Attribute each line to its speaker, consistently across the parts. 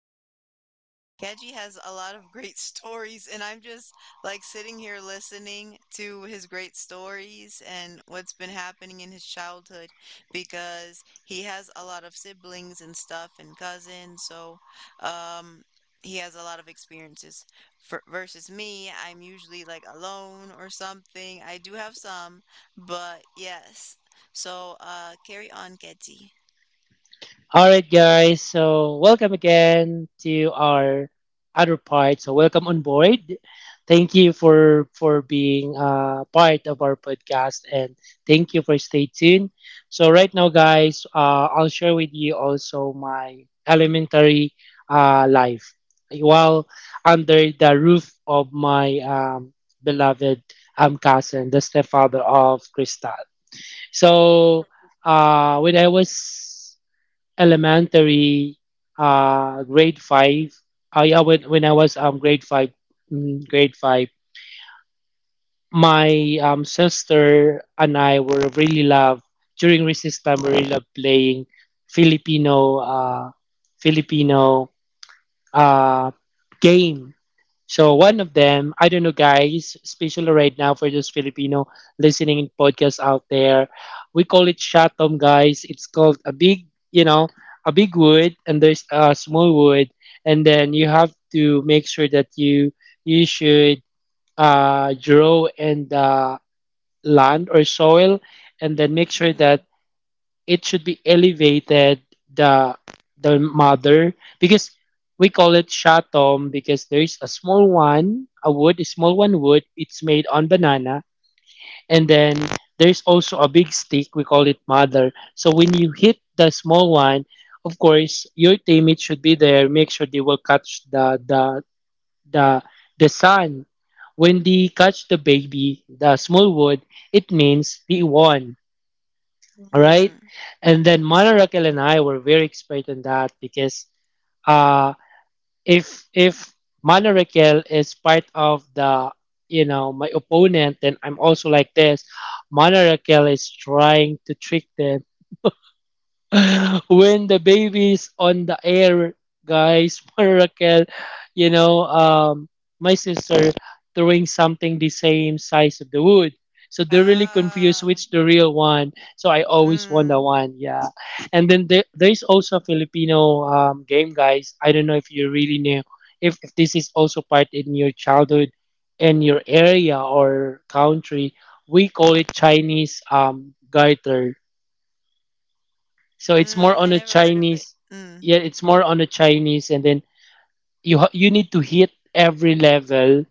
Speaker 1: And Keji has a lot of great stories, and I'm just like sitting here listening to his great stories and what's been happening in his childhood because he has a lot of siblings and stuff and cousins. So um he has a lot of experiences. Versus me, I'm usually like alone or something. I do have some, but yes. So, carry on, Kedzie.
Speaker 2: All right, guys. So welcome again to our other part. So welcome on board. Thank you for being part of our podcast, and thank you for stay tuned. So right now, guys, I'll share with you also my elementary life while under the roof of my beloved cousin, the stepfather of Crystal. So when I was elementary, grade five. I yeah, when I was grade five, grade five, my sister and I were really love during recess time. We really love playing Filipino uh Filipino uh game. So one of them, I don't know, guys, especially right now for those Filipino listening in podcasts out there, we call it shatom, guys. It's called a big, you know, a big wood, and there's a small wood, and then you have to make sure that you should draw in the land or soil, and then make sure
Speaker 1: Mm,
Speaker 2: that it should be elevated the the mother, because we call it shatom because there is a small one, a wood, a small one wood, it's made on banana. And then there's also a big stick, we call it mother. So when you hit the small one, of course your teammate should be there, make sure they will catch the the sun. When they catch the baby, the small wood, it means they won, all right?
Speaker 1: mm.
Speaker 2: And then Mana Raquel and I were very expert in that because uh, if Mana Raquel is part of the, you know, my opponent, then I'm also like this. Mana Raquel is trying to trick them when the baby is on the air, guys, for Raquel, you know, my sister throwing something the same size of the wood. So they're really confused
Speaker 1: Ah,
Speaker 2: which the real one. So I always want the
Speaker 1: mm,
Speaker 2: one, yeah. And then there's also a Filipino game, guys. I don't know if you really knew if this is also part in your childhood in your area or country. We call it Chinese garter, so it's more
Speaker 1: mm, I
Speaker 2: on a
Speaker 1: never heard of it.
Speaker 2: Chinese.
Speaker 1: Mm.
Speaker 2: Yeah, it's more on a Chinese, and then you need to hit every level.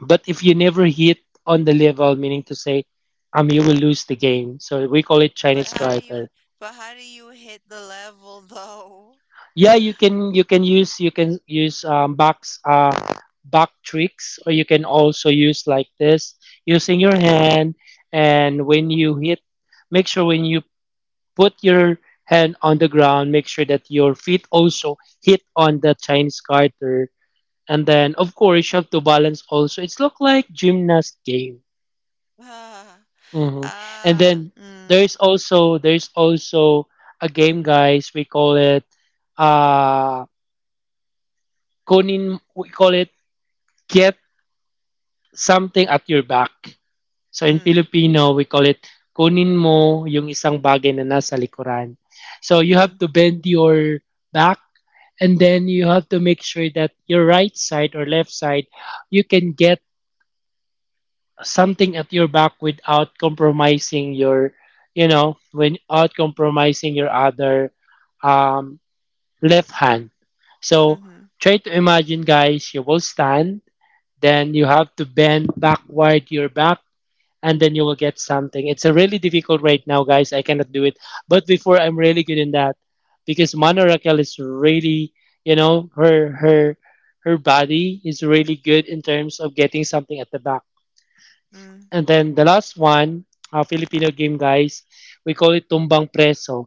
Speaker 2: But if you never hit on the level, meaning to say, you will lose the game. So we call it
Speaker 1: But
Speaker 2: Chinese
Speaker 1: how do you,
Speaker 2: character.
Speaker 1: but how do you hit the level though?
Speaker 2: Yeah, you can use box back tricks, or you can also use like this using your hand. And when you hit, make sure when you put your hand on the ground, make sure that your feet also hit on the Chinese garter. And then, of course, you have to balance also. It's look like gymnast game.
Speaker 1: Ah,
Speaker 2: hmm And
Speaker 1: ah,
Speaker 2: then
Speaker 1: mm,
Speaker 2: there's also a game, guys. We call it uh kunin. We call it get something at your back. So in
Speaker 1: mm,
Speaker 2: Filipino, we call it kunin mo yung isang bagay na nasa likuran. So you
Speaker 1: mm,
Speaker 2: have to bend your back, and then you have to make sure that your right side or left side, you can get something at your back without compromising your, you know, without compromising your other um, left hand. So
Speaker 1: mm-hmm,
Speaker 2: try to imagine, guys, you will stand, then you have to bend backward your back, and then you will get something. It's a really difficult right now, guys. I cannot do it. But before, I'm really good in that because Mano Raquel is really, you know, her body is really good in terms of getting something at the back.
Speaker 1: mm.
Speaker 2: And then the last one, Filipino game, guys. We call it tumbang preso.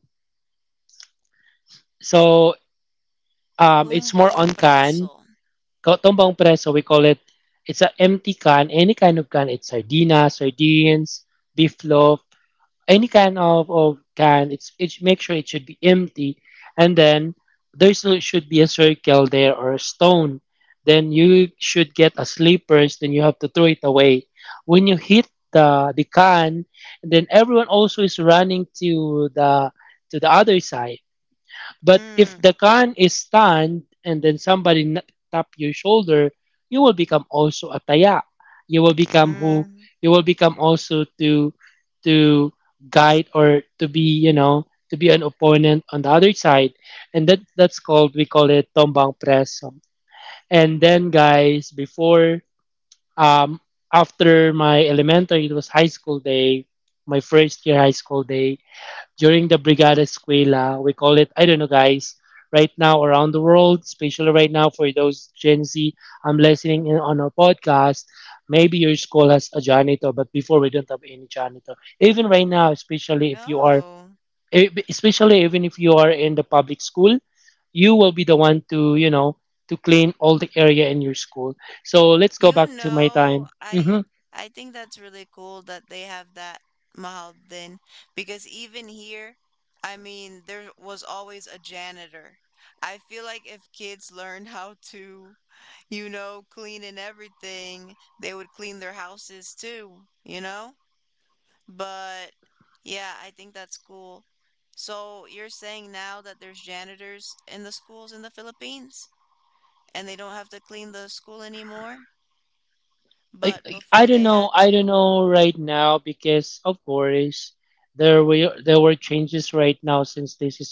Speaker 2: So it's more
Speaker 1: Tumbong
Speaker 2: on can.
Speaker 1: preso.
Speaker 2: Tumbang preso, we call it. It's an empty can, any kind of can. It's sardinas, sardines, beef loaf, any can of can, it's make sure it should be empty. And then there still should be a circle there or a stone, then you should get a slippers, then you have to throw it away. When you hit the can, then everyone also is running to the, to the other side. But if
Speaker 1: Mm,
Speaker 2: the can is stunned and then tap your shoulder, you will become also a taya. You will become who,
Speaker 1: mm.
Speaker 2: you will become also to guide or to be, you know, to be an opponent on the other side, and that's called, we call it tombang preso. And then, guys, before, um after my elementary, it was high school day, my first year high school day during the Brigada Escuela. We call it, I don't know, guys, right now around the world, especially right now for those Gen Z I'm listening in on our podcast. Maybe your school has a janitor, but before we don't have any janitor. Even right now, especially if you are,
Speaker 1: Oh.
Speaker 2: especially even if you are in the public school, you will be the one to, you know, to clean all the area in your school. So let's go
Speaker 1: You
Speaker 2: back to my time.
Speaker 1: know,
Speaker 2: Mhm.
Speaker 1: I I think that's really cool that they have that Mahaldin because even here, I mean, there was always a janitor. I feel like if kids learned how to clean and everything, they would clean their houses too, you know? But yeah, I think that's cool. So you're saying now that there's janitors in the schools in the Philippines and they don't have to clean the school anymore? But
Speaker 2: I
Speaker 1: before
Speaker 2: don't
Speaker 1: they
Speaker 2: know.
Speaker 1: had
Speaker 2: I don't
Speaker 1: to.
Speaker 2: know right now because of course there were changes right now since this is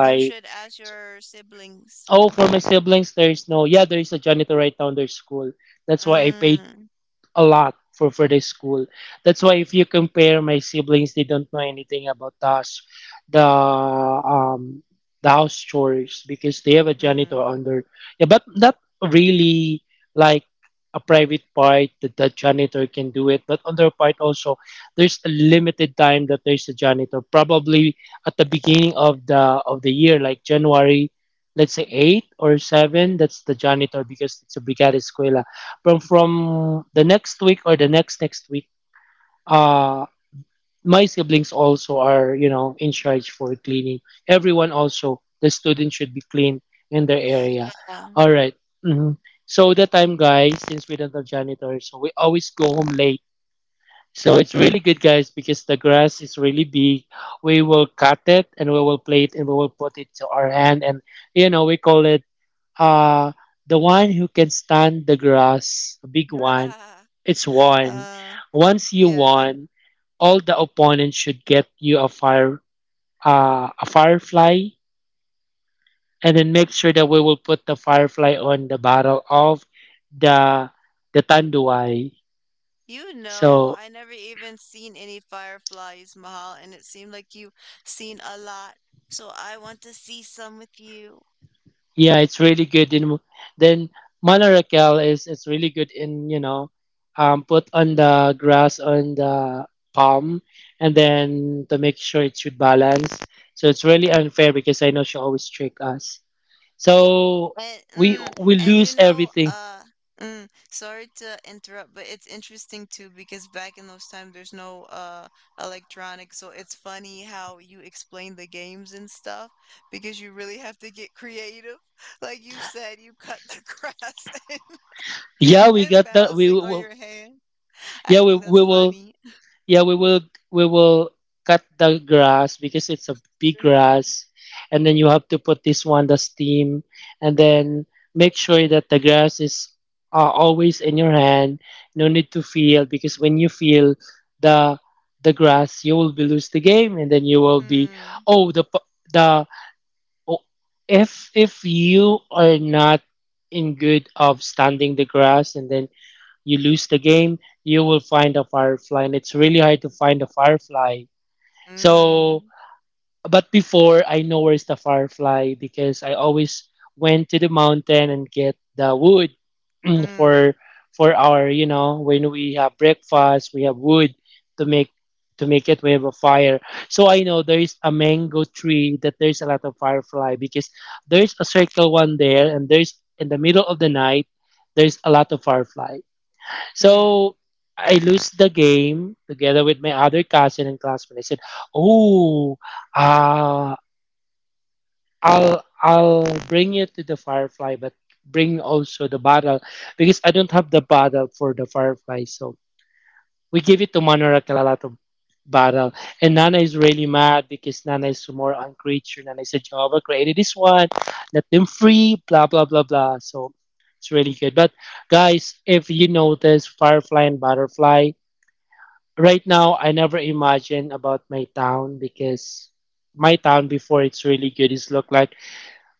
Speaker 1: You should ask your siblings.
Speaker 2: Oh, for my siblings, there is no. Yeah, there is a janitor right now in their school. That's why I paid
Speaker 1: Mm.
Speaker 2: a lot for the school. That's why if you compare my siblings, they don't know anything about us, the um the house chores because they have a janitor
Speaker 1: Mm-hmm.
Speaker 2: under. Yeah, but not really like a private part that the janitor can do it. But on their part also, there's a limited time that there's a janitor. Probably at the beginning of the year, like January. Let's say eight or seven. That's the janitor because it's a brigada escuela from the next week or the next next week. uh my siblings also are, you know, in charge for cleaning. Everyone also, the students should be clean in their area, all right. Mhm. So the time, guys, since we don't have janitor, so we always go home late. So it's really good, guys, because the grass is really big. We will cut it and we will play it and we will put it to our hand, and, you know, we call it, uh, the one who can stand the grass, a big one,
Speaker 1: Yeah.
Speaker 2: it's won.
Speaker 1: Uh,
Speaker 2: Once you
Speaker 1: yeah.
Speaker 2: won, all the opponents should get you a fire, a firefly, and then make sure that we will put the firefly on the barrel of the the tanduay. So,
Speaker 1: I never even seen any fireflies, Mahal, and it seemed like you seen a lot. So I want to see some with you.
Speaker 2: yeah, it's really good in, then Mana is, it's really good in, you know, put on the grass on the palm, and then to make sure it should balance. So it's really unfair because I know she always trick us. So
Speaker 1: And,
Speaker 2: we
Speaker 1: mm,
Speaker 2: we
Speaker 1: and you
Speaker 2: lose
Speaker 1: know,
Speaker 2: everything.
Speaker 1: uh, mm, sorry to interrupt, but it's interesting too because back in those times there's no electronics, so it's funny how you explain the games and stuff because you really have to get creative. Like you said, you cut the grass and,
Speaker 2: Yeah, we
Speaker 1: and
Speaker 2: got that we
Speaker 1: balancing on
Speaker 2: will,
Speaker 1: your hand.
Speaker 2: yeah,
Speaker 1: I think that's funny.
Speaker 2: yeah we will we will cut the grass because it's a big
Speaker 1: Mm,
Speaker 2: grass, and then you have to put this one, the steam, and then make sure that the grass is always in your hand. No need to feel because when you feel the the grass you will be lose the game, and then you will be, oh the p- the oh, if you are not in good of standing the grass, and then you lose the game, you will find a firefly, and it's really hard to find a firefly. So,
Speaker 1: mm,
Speaker 2: but before I know where's the firefly because I always went to the mountain and get the wood
Speaker 1: mm,
Speaker 2: for for our, you know, when we have breakfast we have wood to make, to make it, we have a fire. So I know there is a mango tree that there's a lot of firefly because there's a circle one there, and there's in the middle of the night there's a lot of firefly.
Speaker 1: mm.
Speaker 2: So I lose the game together with my other cousin and classmate. I said, "Oh, uh, I'll bring you to the firefly, but bring also the bottle because I don't have the bottle for the firefly." So we give it to Manora Kalalato bottle, and Nana is really mad because Nana is more on creature. Nana said, "Jehovah created this one, let them free." Blah blah blah blah. So it's really good. But, guys, if you notice, firefly and butterfly right now, I never imagine about my town because my town before it's really good, it's look like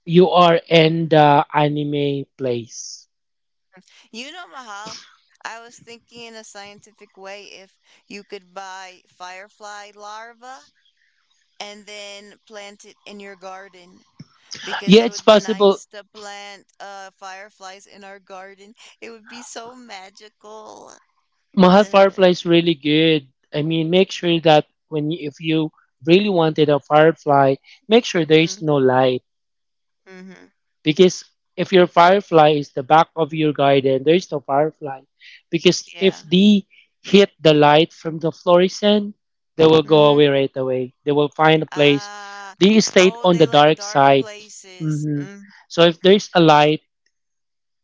Speaker 2: you are in the anime place.
Speaker 1: You know, Mahal, I was thinking in a scientific way if you could buy firefly larva and then plant it in your garden, because
Speaker 2: Yeah,
Speaker 1: it
Speaker 2: it's
Speaker 1: would be
Speaker 2: possible.
Speaker 1: nice to plant fireflies in our garden. It would be so magical.
Speaker 2: Mahal Firefly is really good. I mean, make sure that when you, if you really wanted a firefly, make sure there is no light.
Speaker 1: Mm-hmm.
Speaker 2: Because if your firefly is the back of your garden, there is no firefly. Because if
Speaker 1: Yeah.
Speaker 2: they hit the light from the fluorescent, they will go away
Speaker 1: Mm-hmm.
Speaker 2: right away. They will find a place.
Speaker 1: Ah,
Speaker 2: They stayed
Speaker 1: oh,
Speaker 2: on
Speaker 1: they
Speaker 2: the
Speaker 1: like
Speaker 2: dark
Speaker 1: dark
Speaker 2: side.
Speaker 1: places.
Speaker 2: hmm
Speaker 1: Mm,
Speaker 2: So if there's a light,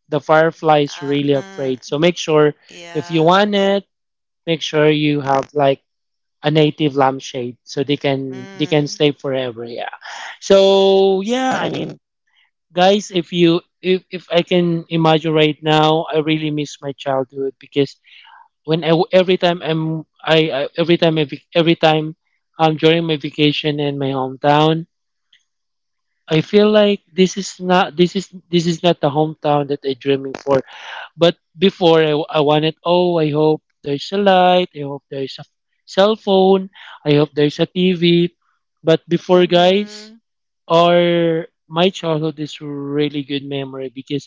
Speaker 2: the firefly is really
Speaker 1: mm,
Speaker 2: afraid. So make sure if you
Speaker 1: yeah.
Speaker 2: want it, make sure you have like a native lampshade so they can
Speaker 1: Mm.
Speaker 2: stay forever. Yeah. So yeah,
Speaker 1: Yes.
Speaker 2: guys, if you if I can imagine right now, I really miss my childhood because when I, every time I'm I every time I, vac- every time I'm during my vacation in my hometown, I feel like this is not the hometown that I'm dreaming for. But before, I wanted, oh, I hope there's a light, I hope there's a cell phone, I hope there's a TV. But before, guys,
Speaker 1: Mm-hmm.
Speaker 2: or my childhood is really good memory because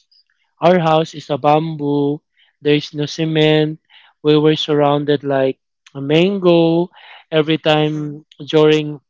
Speaker 2: our house is a bamboo. There's no cement. We were surrounded like a mango. Every
Speaker 1: Mm-hmm.
Speaker 2: time during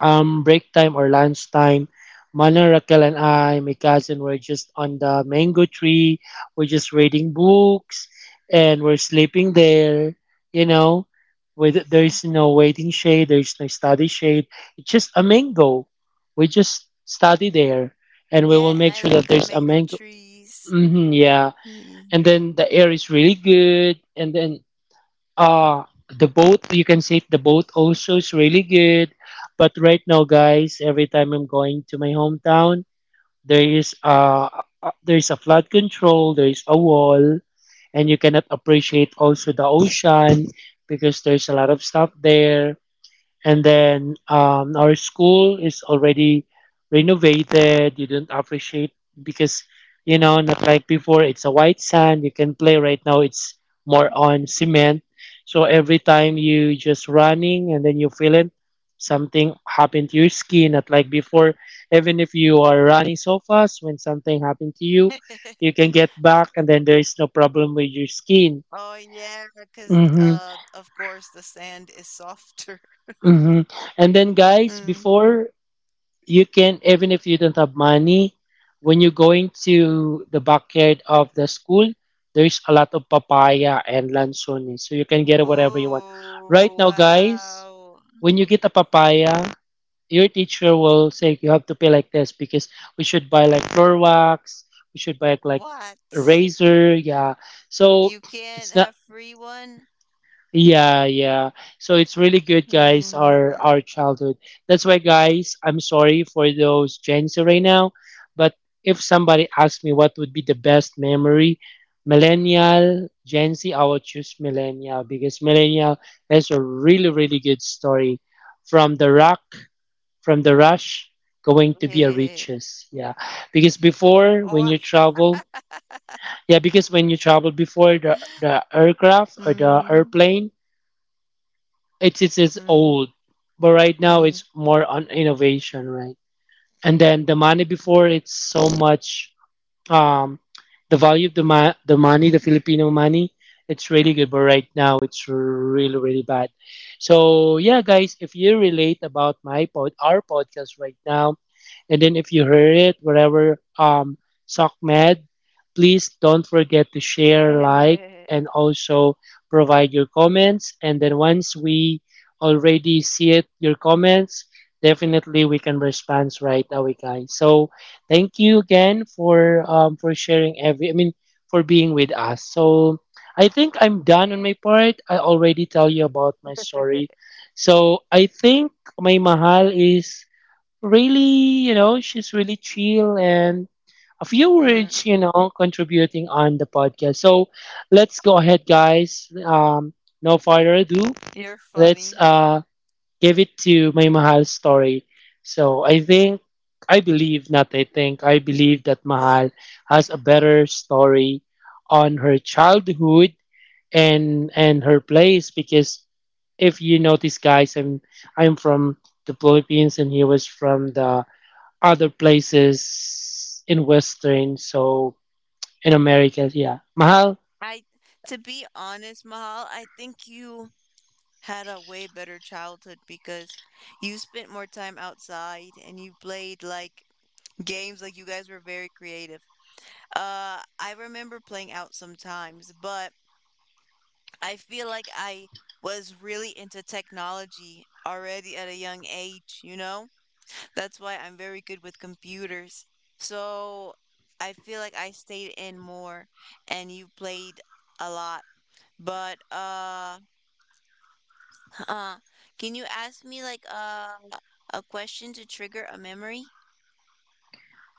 Speaker 2: break time or lunch time, Mana, Raquel, and I, my cousin, were just on the mango tree. We're just reading books, and we're sleeping there. You know, with
Speaker 1: Mm.
Speaker 2: there's no waiting shade, there's no study shade. It's just a mango. We just study there, and we will
Speaker 1: Yeah, and
Speaker 2: make
Speaker 1: I
Speaker 2: sure that
Speaker 1: like the
Speaker 2: there's a
Speaker 1: mango
Speaker 2: mango.
Speaker 1: trees.
Speaker 2: Yeah, and
Speaker 1: Mm.
Speaker 2: then the air is really good, and then uh the boat, you can say the boat also is really good. But right now, guys, every time I'm going to my hometown, there is uh there is a flood control, there is a wall, and you cannot appreciate also the ocean because there's a lot of stuff there. And then, our school is already renovated. You don't appreciate because, you know, not like before, it's a white sand you can play. Right now, it's more on cement, so every time you just running and then you feel it, something happened to your skin. Not like before, even if you are running so fast, when something happened to you, you can get back and then there is no problem with your skin.
Speaker 1: Oh yeah, because
Speaker 2: Mm-hmm,
Speaker 1: of course the sand is softer.
Speaker 2: mm-hmm. And then, guys,
Speaker 1: Mm.
Speaker 2: before, you can, even if you don't have money, when you're going to the backyard of the school, there's a lot of papaya and lanzones, so you can get whatever you want. Right
Speaker 1: Oh,
Speaker 2: now, guys,
Speaker 1: wow!
Speaker 2: when you get a papaya, your teacher will say you have to pay like this because we should buy like floor wax, we should buy like
Speaker 1: What?
Speaker 2: a razor, yeah. So
Speaker 1: You can't
Speaker 2: it's not,
Speaker 1: have free one?
Speaker 2: yeah, yeah. So it's really good, guys.
Speaker 1: Mm.
Speaker 2: Our childhood. That's why, guys, I'm sorry for those Gen Z right now, but if somebody asks me what would be the best memory, millennial, Gen Z, I will choose millennial because millennial has a really really good story, from the rock, from the rush, going to be a
Speaker 1: Eh.
Speaker 2: riches. Yeah, because before when
Speaker 1: What?
Speaker 2: you travel, yeah, because when you travel before, the the aircraft or the
Speaker 1: Mm.
Speaker 2: airplane, it's
Speaker 1: Mm.
Speaker 2: old, but right now
Speaker 1: Mm.
Speaker 2: it's more on innovation, right? And then the money before, it's so much. Um, the value of the the money, the Filipino money, it's really good, but right now it's really really bad. So yeah, guys, if you relate about my pod, our podcast right now, and then if you heard it, wherever SocMed, please don't forget to share, like, and also provide your comments. And then once we already see it, your comments, definitely we can respond right away, guys. So thank you again for sharing every. I mean for being with us. So I think I'm done on my part. I already tell you about my story. So I think my mahal is really, you know, she's really chill and a few
Speaker 1: Mm.
Speaker 2: words, you know, contributing on the podcast. So let's go ahead, guys. No further ado,
Speaker 1: You're
Speaker 2: let's
Speaker 1: funny.
Speaker 2: give it to my Mahal story. So I believe, not I think, I believe that
Speaker 1: Well,
Speaker 2: Mahal has a better story on her childhood and her place because if you notice, guys, I'm from the Philippines and he was from the other places in Western, so in America, yeah. Mahal,
Speaker 1: I to be honest, Mahal, I think you had a way better childhood because you spent more time outside, and you played like games, like you guys were very creative. I remember playing out sometimes, but I feel like I was really into technology already at a young age, you know? That's why I'm very good with computers. So I feel like I stayed in more, and you played a lot. But uh can you ask me like a question to trigger a memory?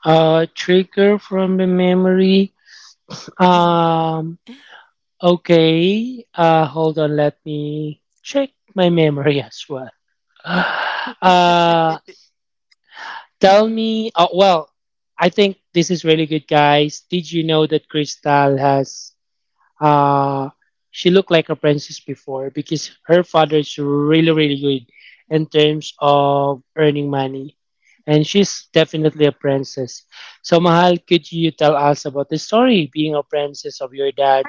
Speaker 2: trigger from the memory. Um, okay, hold on, let me check my memory as well. Uh, tell
Speaker 1: Hmm.
Speaker 2: me, oh, well, I think this is really good, guys. Did you know that Crystal has uh, she looked like a princess before because her father is really, really good in terms of earning money. And she's definitely a princess. So, Mahal, could you tell us about the story being a princess of your dad,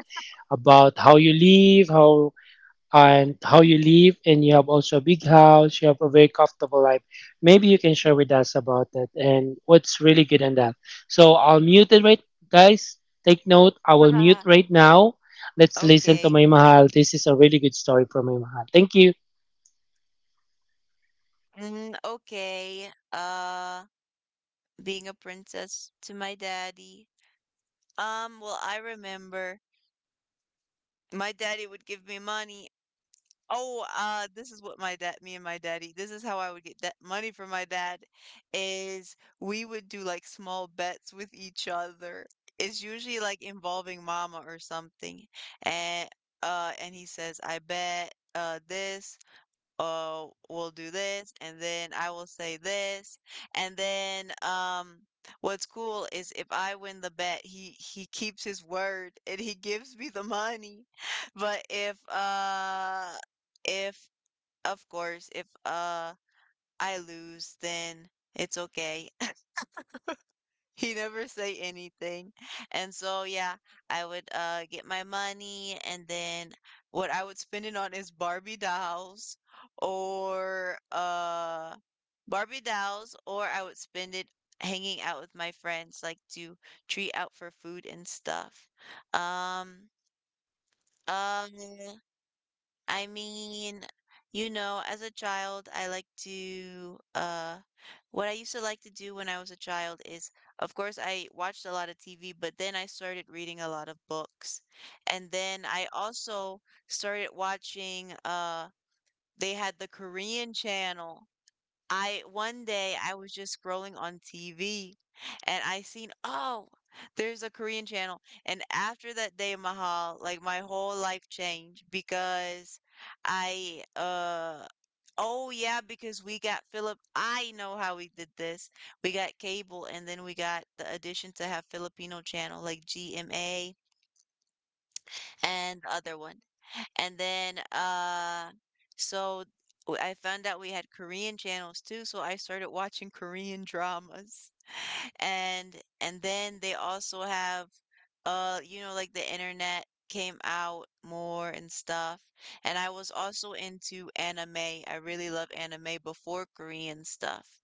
Speaker 2: about how you live, how and how you live, and you have also a big house, you have a very comfortable life. Maybe you can share with us about that and what's really good in that. So I'll mute it, right, guys? Take note, I will mute right now. Let's listen to my
Speaker 1: Okay.
Speaker 2: mahal. This is a really good story from my mahal. Thank you.
Speaker 1: Mm, okay. Being a princess to my daddy. Well, I remember my daddy would give me money. Oh, this is what my dad, me and my daddy, this is how I would get that money from my dad, is we would do like small bets with each other. It's usually like involving mama or something. And and he says, I bet this we'll do this, and then I will say this, and then what's cool is if I win the bet, he keeps his word and he gives me the money but if of course, if I lose, then it's okay, he never say anything. And so yeah, I would get my money, and then what I would spend it on is Barbie dolls, or I would spend it hanging out with my friends, like to treat out for food and stuff. Um um I mean, as a child, I what I used to like to do when I was a child is, of course, I watched a lot of TV, but then I started reading a lot of books. And then I also started watching. They had the Korean channel. I one day I was just scrolling on TV, and I seen, oh, there's a Korean channel. And after that day, Mahal, like my whole life changed because I uh oh yeah, because we got Philip I know how we did this. We got cable, and then we got the addition to have Filipino channel like GMA and the other one. And then, so I found out we had Korean channels too, so I started watching Korean dramas. And then they also have like the internet came out more and stuff. And I was also into anime. I really love anime before Korean stuff.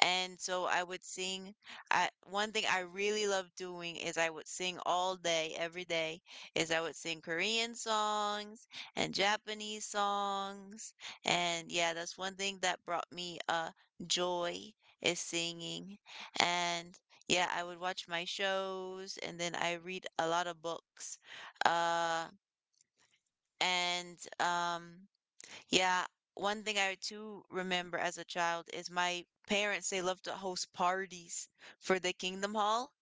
Speaker 1: And so I would sing. One thing I really love doing is I would sing all day, every day, is I would sing Korean songs and Japanese songs. And yeah, that's one thing that brought me joy is singing. And yeah, I would watch my shows, and then I read a lot of books. Uh and yeah, one thing I too remember as a child is my parents, they loved to host parties for the Kingdom Hall.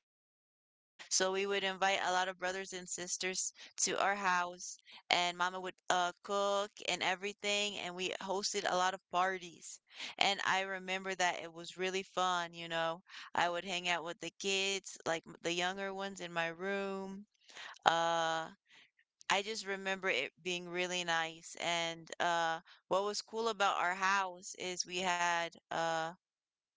Speaker 1: So we would invite a lot of brothers and sisters to our house, and mama would cook and everything, and we hosted a lot of parties. And I remember that it was really fun, you know. I would hang out with the kids, like the younger ones in my room. Uh I just remember it being really nice, and, what was cool about our house is we had, uh,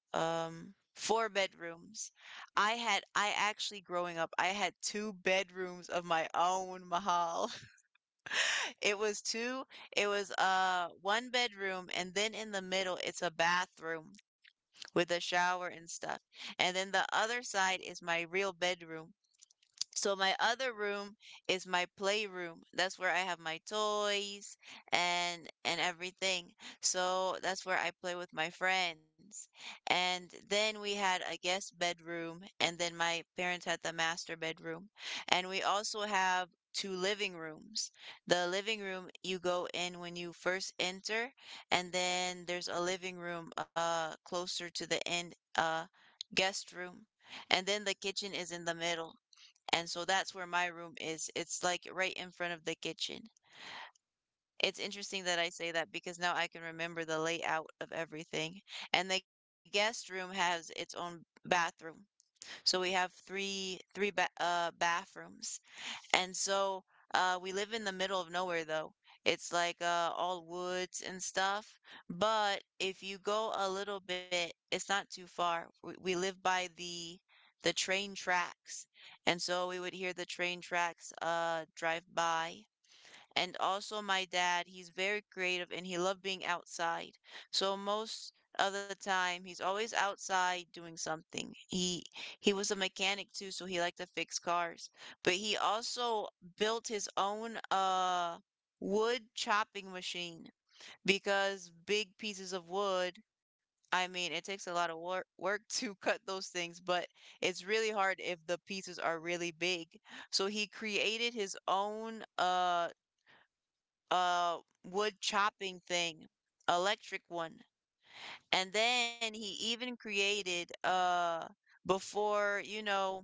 Speaker 1: um, 4 bedrooms. I actually growing up, I had 2 bedrooms of my own, Mahal. It was 2 it was, uh, 1 bedroom, and then in the middle, it's a bathroom with a shower and stuff, and then the other side is my real bedroom. So my other room is my playroom. That's where I have my toys and everything. So that's where I play with my friends. And then we had a guest bedroom, and then my parents had the master bedroom. And we also have two living rooms. The living room you go in when you first enter, and then there's a living room closer to the end, guest room. And then the kitchen is in the middle. And so that's where my room is. It's like right in front of the kitchen. It's interesting that I say that because now I can remember the layout of everything. And the guest room has its own bathroom. So we have three bathrooms, and so, we live in the middle of nowhere, though. It's like all woods and stuff. But if you go a little bit, it's not too far. We live by the train tracks, and so we would hear the train tracks, drive by, and also my dad, he's very creative, and he loved being outside. So most of the time he's always outside doing something. He was a mechanic too, so he liked to fix cars. But he also built his own wood chopping machine because big pieces of wood, I mean, it takes a lot of work to cut those things, but it's really hard if the pieces are really big. So he created his own uh wood chopping thing, electric one. And then he even created before, you know,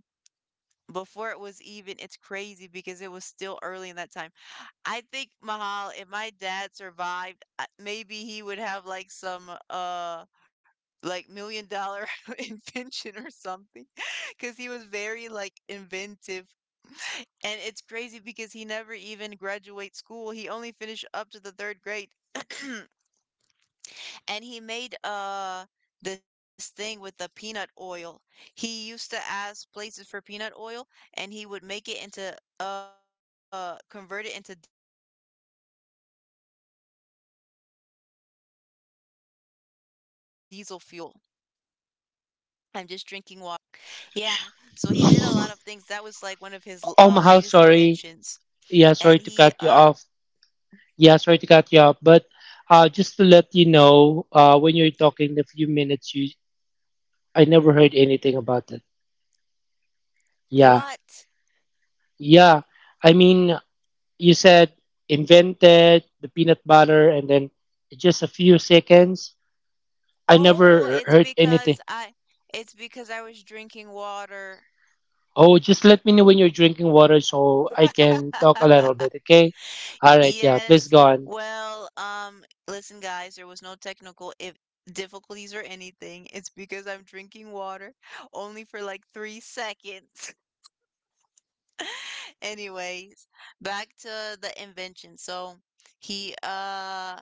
Speaker 1: before it was even it's crazy because it was still early in that time. I think, Mahal, if my dad survived, maybe he would have like some like million dollar invention or something because he was very like inventive. And it's crazy because he never even graduate school, he only finished up to the third grade and he made this thing with the peanut oil, he used to ask places for peanut oil, and he would make it into convert it into diesel fuel. I'm just drinking water. Yeah. So he did a lot of things, that was like one of his latest inventions.
Speaker 2: Oh, mahal, sorry,
Speaker 1: And he,
Speaker 2: yeah, sorry to cut you off, but just to let you know, when you're talking the few minutes, you, I never heard anything about it. Yeah,
Speaker 1: what?
Speaker 2: yeah, I mean, you said invented the peanut butter and then just a few seconds, I
Speaker 1: Oh,
Speaker 2: never heard anything.
Speaker 1: it's because I was drinking water.
Speaker 2: Oh, just let me know when you're drinking water so I can talk a little bit, okay? All right, yeah, please
Speaker 1: Yes.
Speaker 2: go on.
Speaker 1: Well, listen, guys, there was no technical if difficulties or anything. It's because I'm drinking water only for like 3 seconds. Anyways, back to the invention. So he uh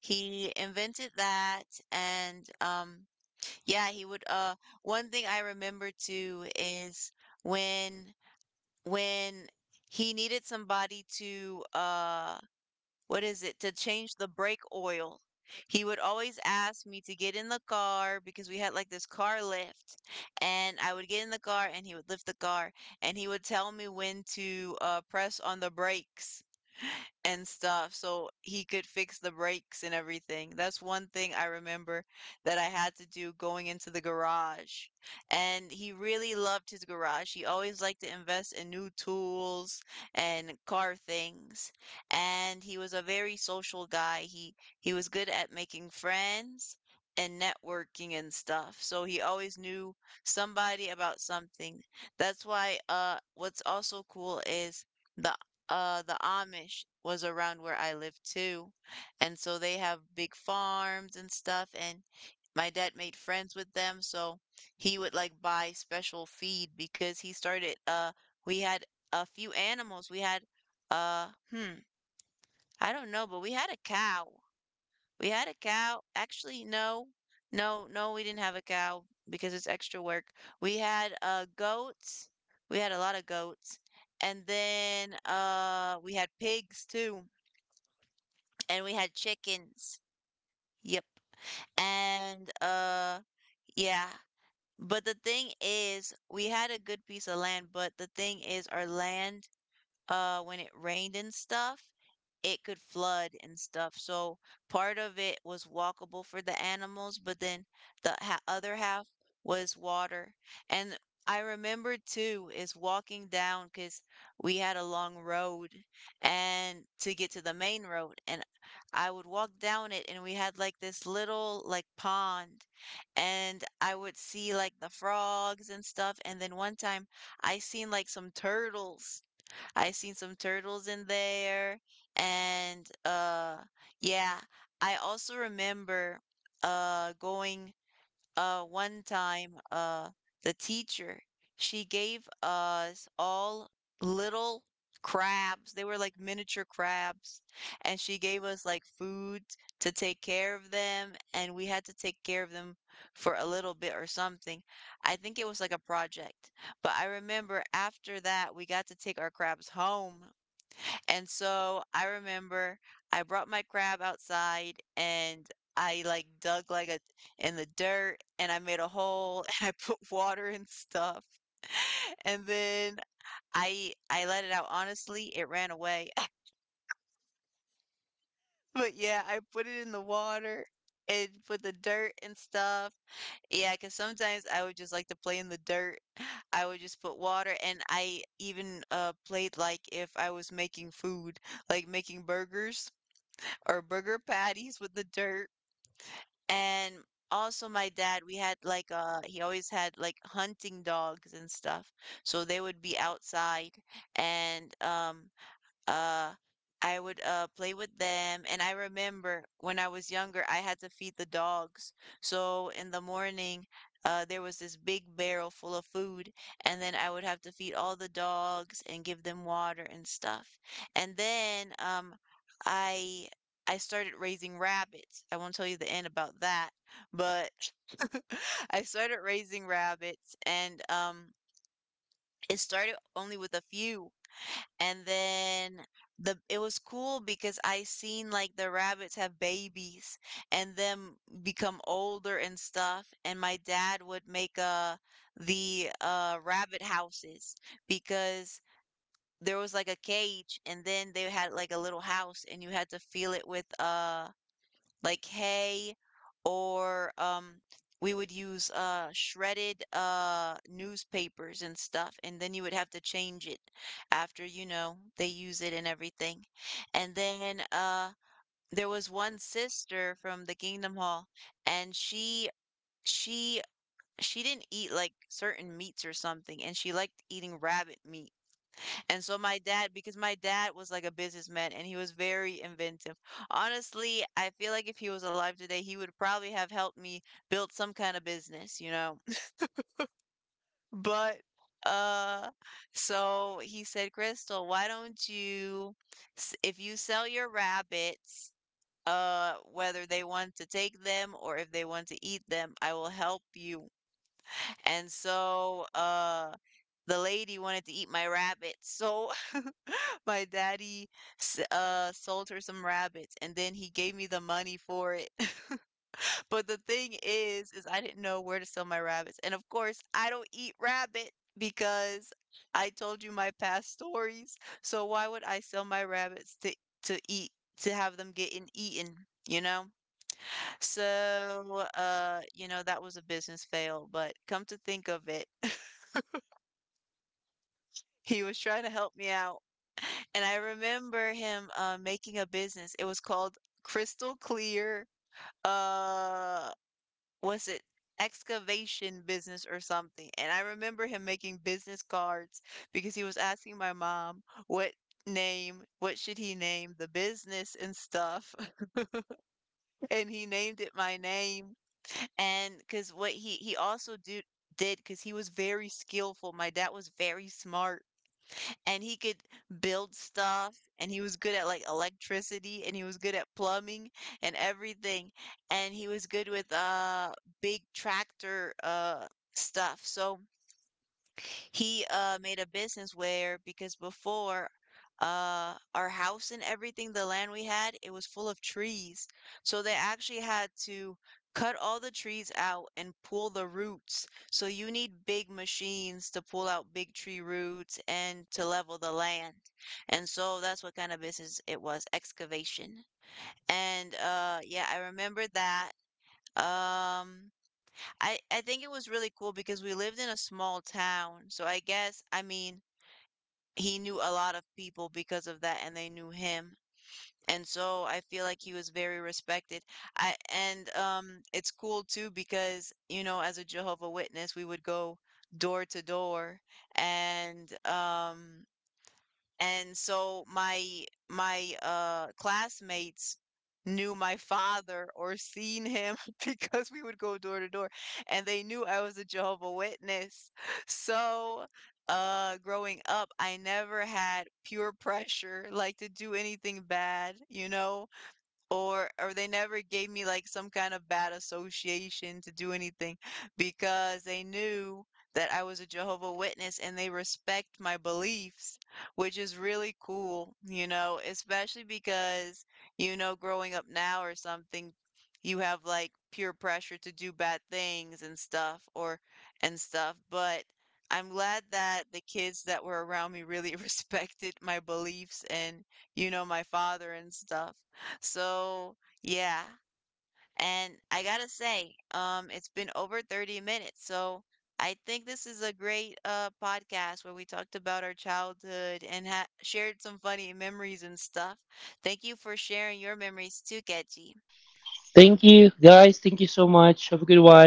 Speaker 1: he invented that. And yeah, he would one thing I remember too is when when he needed somebody to what is it to change the brake oil. He would always ask me to get in the car because we had like this car lift, and I would get in the car and he would lift the car, and he would tell me when to press on the brakes and stuff so he could fix the brakes and everything. That's one thing I remember that I had to do going into the garage. And he really loved his garage. He always liked to invest in new tools and car things. And he was a very social guy. He was good at making friends and networking and stuff. So he always knew somebody about something. That's why what's also cool is the the Amish was around where I lived too, and so they have big farms and stuff, and my dad made friends with them, so he would like buy special feed because he started we had a few animals. We had uh hmm, I don't know, but we had a cow. Actually, no. No, no, we didn't have a cow because it's extra work. We had goats. We had a lot of goats. And then we had pigs too. And we had chickens. Yep. And yeah. But the thing is, we had a good piece of land, but the thing is our land, when it rained and stuff, it could flood and stuff. So part of it was walkable for the animals, but then the other half was water. And I remember too is walking down because we had a long road and to get to the main road. And I would walk down it and we had like this little like pond and I would see like the frogs and stuff. And then one time I seen like some turtles I seen some turtles in there. And yeah, I also remember going, one time, the teacher, she gave us all little crabs. They were like miniature crabs. And she gave us like food to take care of them. And we had to take care of them for a little bit or something. I think it was like a project. But I remember after that, we got to take our crabs home, and so I remember I brought my crab outside and I like dug like a, in the dirt, and I made a hole and I put water and stuff. And then I let it out. Honestly, it ran away. But yeah, I put it in the water and put the dirt and stuff. Yeah, because sometimes I would just like to play in the dirt. I would just put water and I even played like if I was making food, like making burgers or burger patties with the dirt. And also my dad, we had like he always had like hunting dogs and stuff. So they would be outside, and uh, I would, play with them, and I remember when I was younger, I had to feed the dogs. So in the morning, there was this big barrel full of food, and then I would have to feed all the dogs and give them water and stuff. And then, I I started raising rabbits. I won't tell you the end about that, but I started raising rabbits, and it started only with a few. And then the it was cool because I seen like the rabbits have babies and them become older and stuff. And my dad would make the rabbit houses because there was like a cage and then they had like a little house and you had to fill it with like hay, or we would use shredded newspapers and stuff, and then you would have to change it after, you know, they use it and everything. And then there was one sister from the Kingdom Hall, and she she didn't eat like certain meats or something and she liked eating rabbit meat. And so my dad, because my dad was like a businessman and he was very inventive. Honestly, I feel like if he was alive today, he would probably have helped me build some kind of business, you know? But uh so he said, "Crystal, why don't you if you sell your rabbits, whether they want to take them or if they want to eat them, I will help you." And so the lady wanted to eat my rabbit. So my daddy sold her some rabbits and then he gave me the money for it. But the thing is I didn't know where to sell my rabbits. And of course, I don't eat rabbit because I told you my past stories. So why would I sell my rabbits to eat to have them getting eaten, you know? So, you know, that was a business fail, but come to think of it, he was trying to help me out. And I remember him, making a business. It was called Crystal Clear, uh, was it excavation business or something? And I remember him making business cards because he was asking my mom what name, what should he name the business and stuff. And he named it my name. And because what he also did, because he was very skillful. My dad was very smart, and he could build stuff, and he was good at like electricity, and he was good at plumbing and everything, and he was good with big tractor stuff. So he, made a business where, because before, our house and everything, the land we had, it was full of trees. So they actually had to cut all the trees out and pull the roots. So you need big machines to pull out big tree roots and to level the land. And so that's what kind of business it was, excavation. And yeah, I remember that. Um I think it was really cool because we lived in a small town. So I guess, I mean, he knew a lot of people because of that and they knew him. And so I feel like he was very respected. I And it's cool too because, you know, as a Jehovah Witness, we would go door to door, and um and so my classmates knew my father or seen him because we would go door to door and they knew I was a Jehovah Witness. So growing up I never had peer pressure like to do anything bad, you know, or they never gave me like some kind of bad association to do anything because they knew that I was a Jehovah Witness and they respect my beliefs, which is really cool, you know, especially because, you know, growing up now or something, you have like peer pressure to do bad things and stuff or and stuff, but I'm glad that the kids that were around me really respected my beliefs and, you know, my father and stuff. So, yeah. And I gotta say, it's been over 30 minutes. So I think this is a great podcast where we talked about our childhood and ha shared some funny memories and stuff. Thank you for sharing your memories too, Ketchy.
Speaker 2: Thank you, guys. Thank you so much. Have a good one.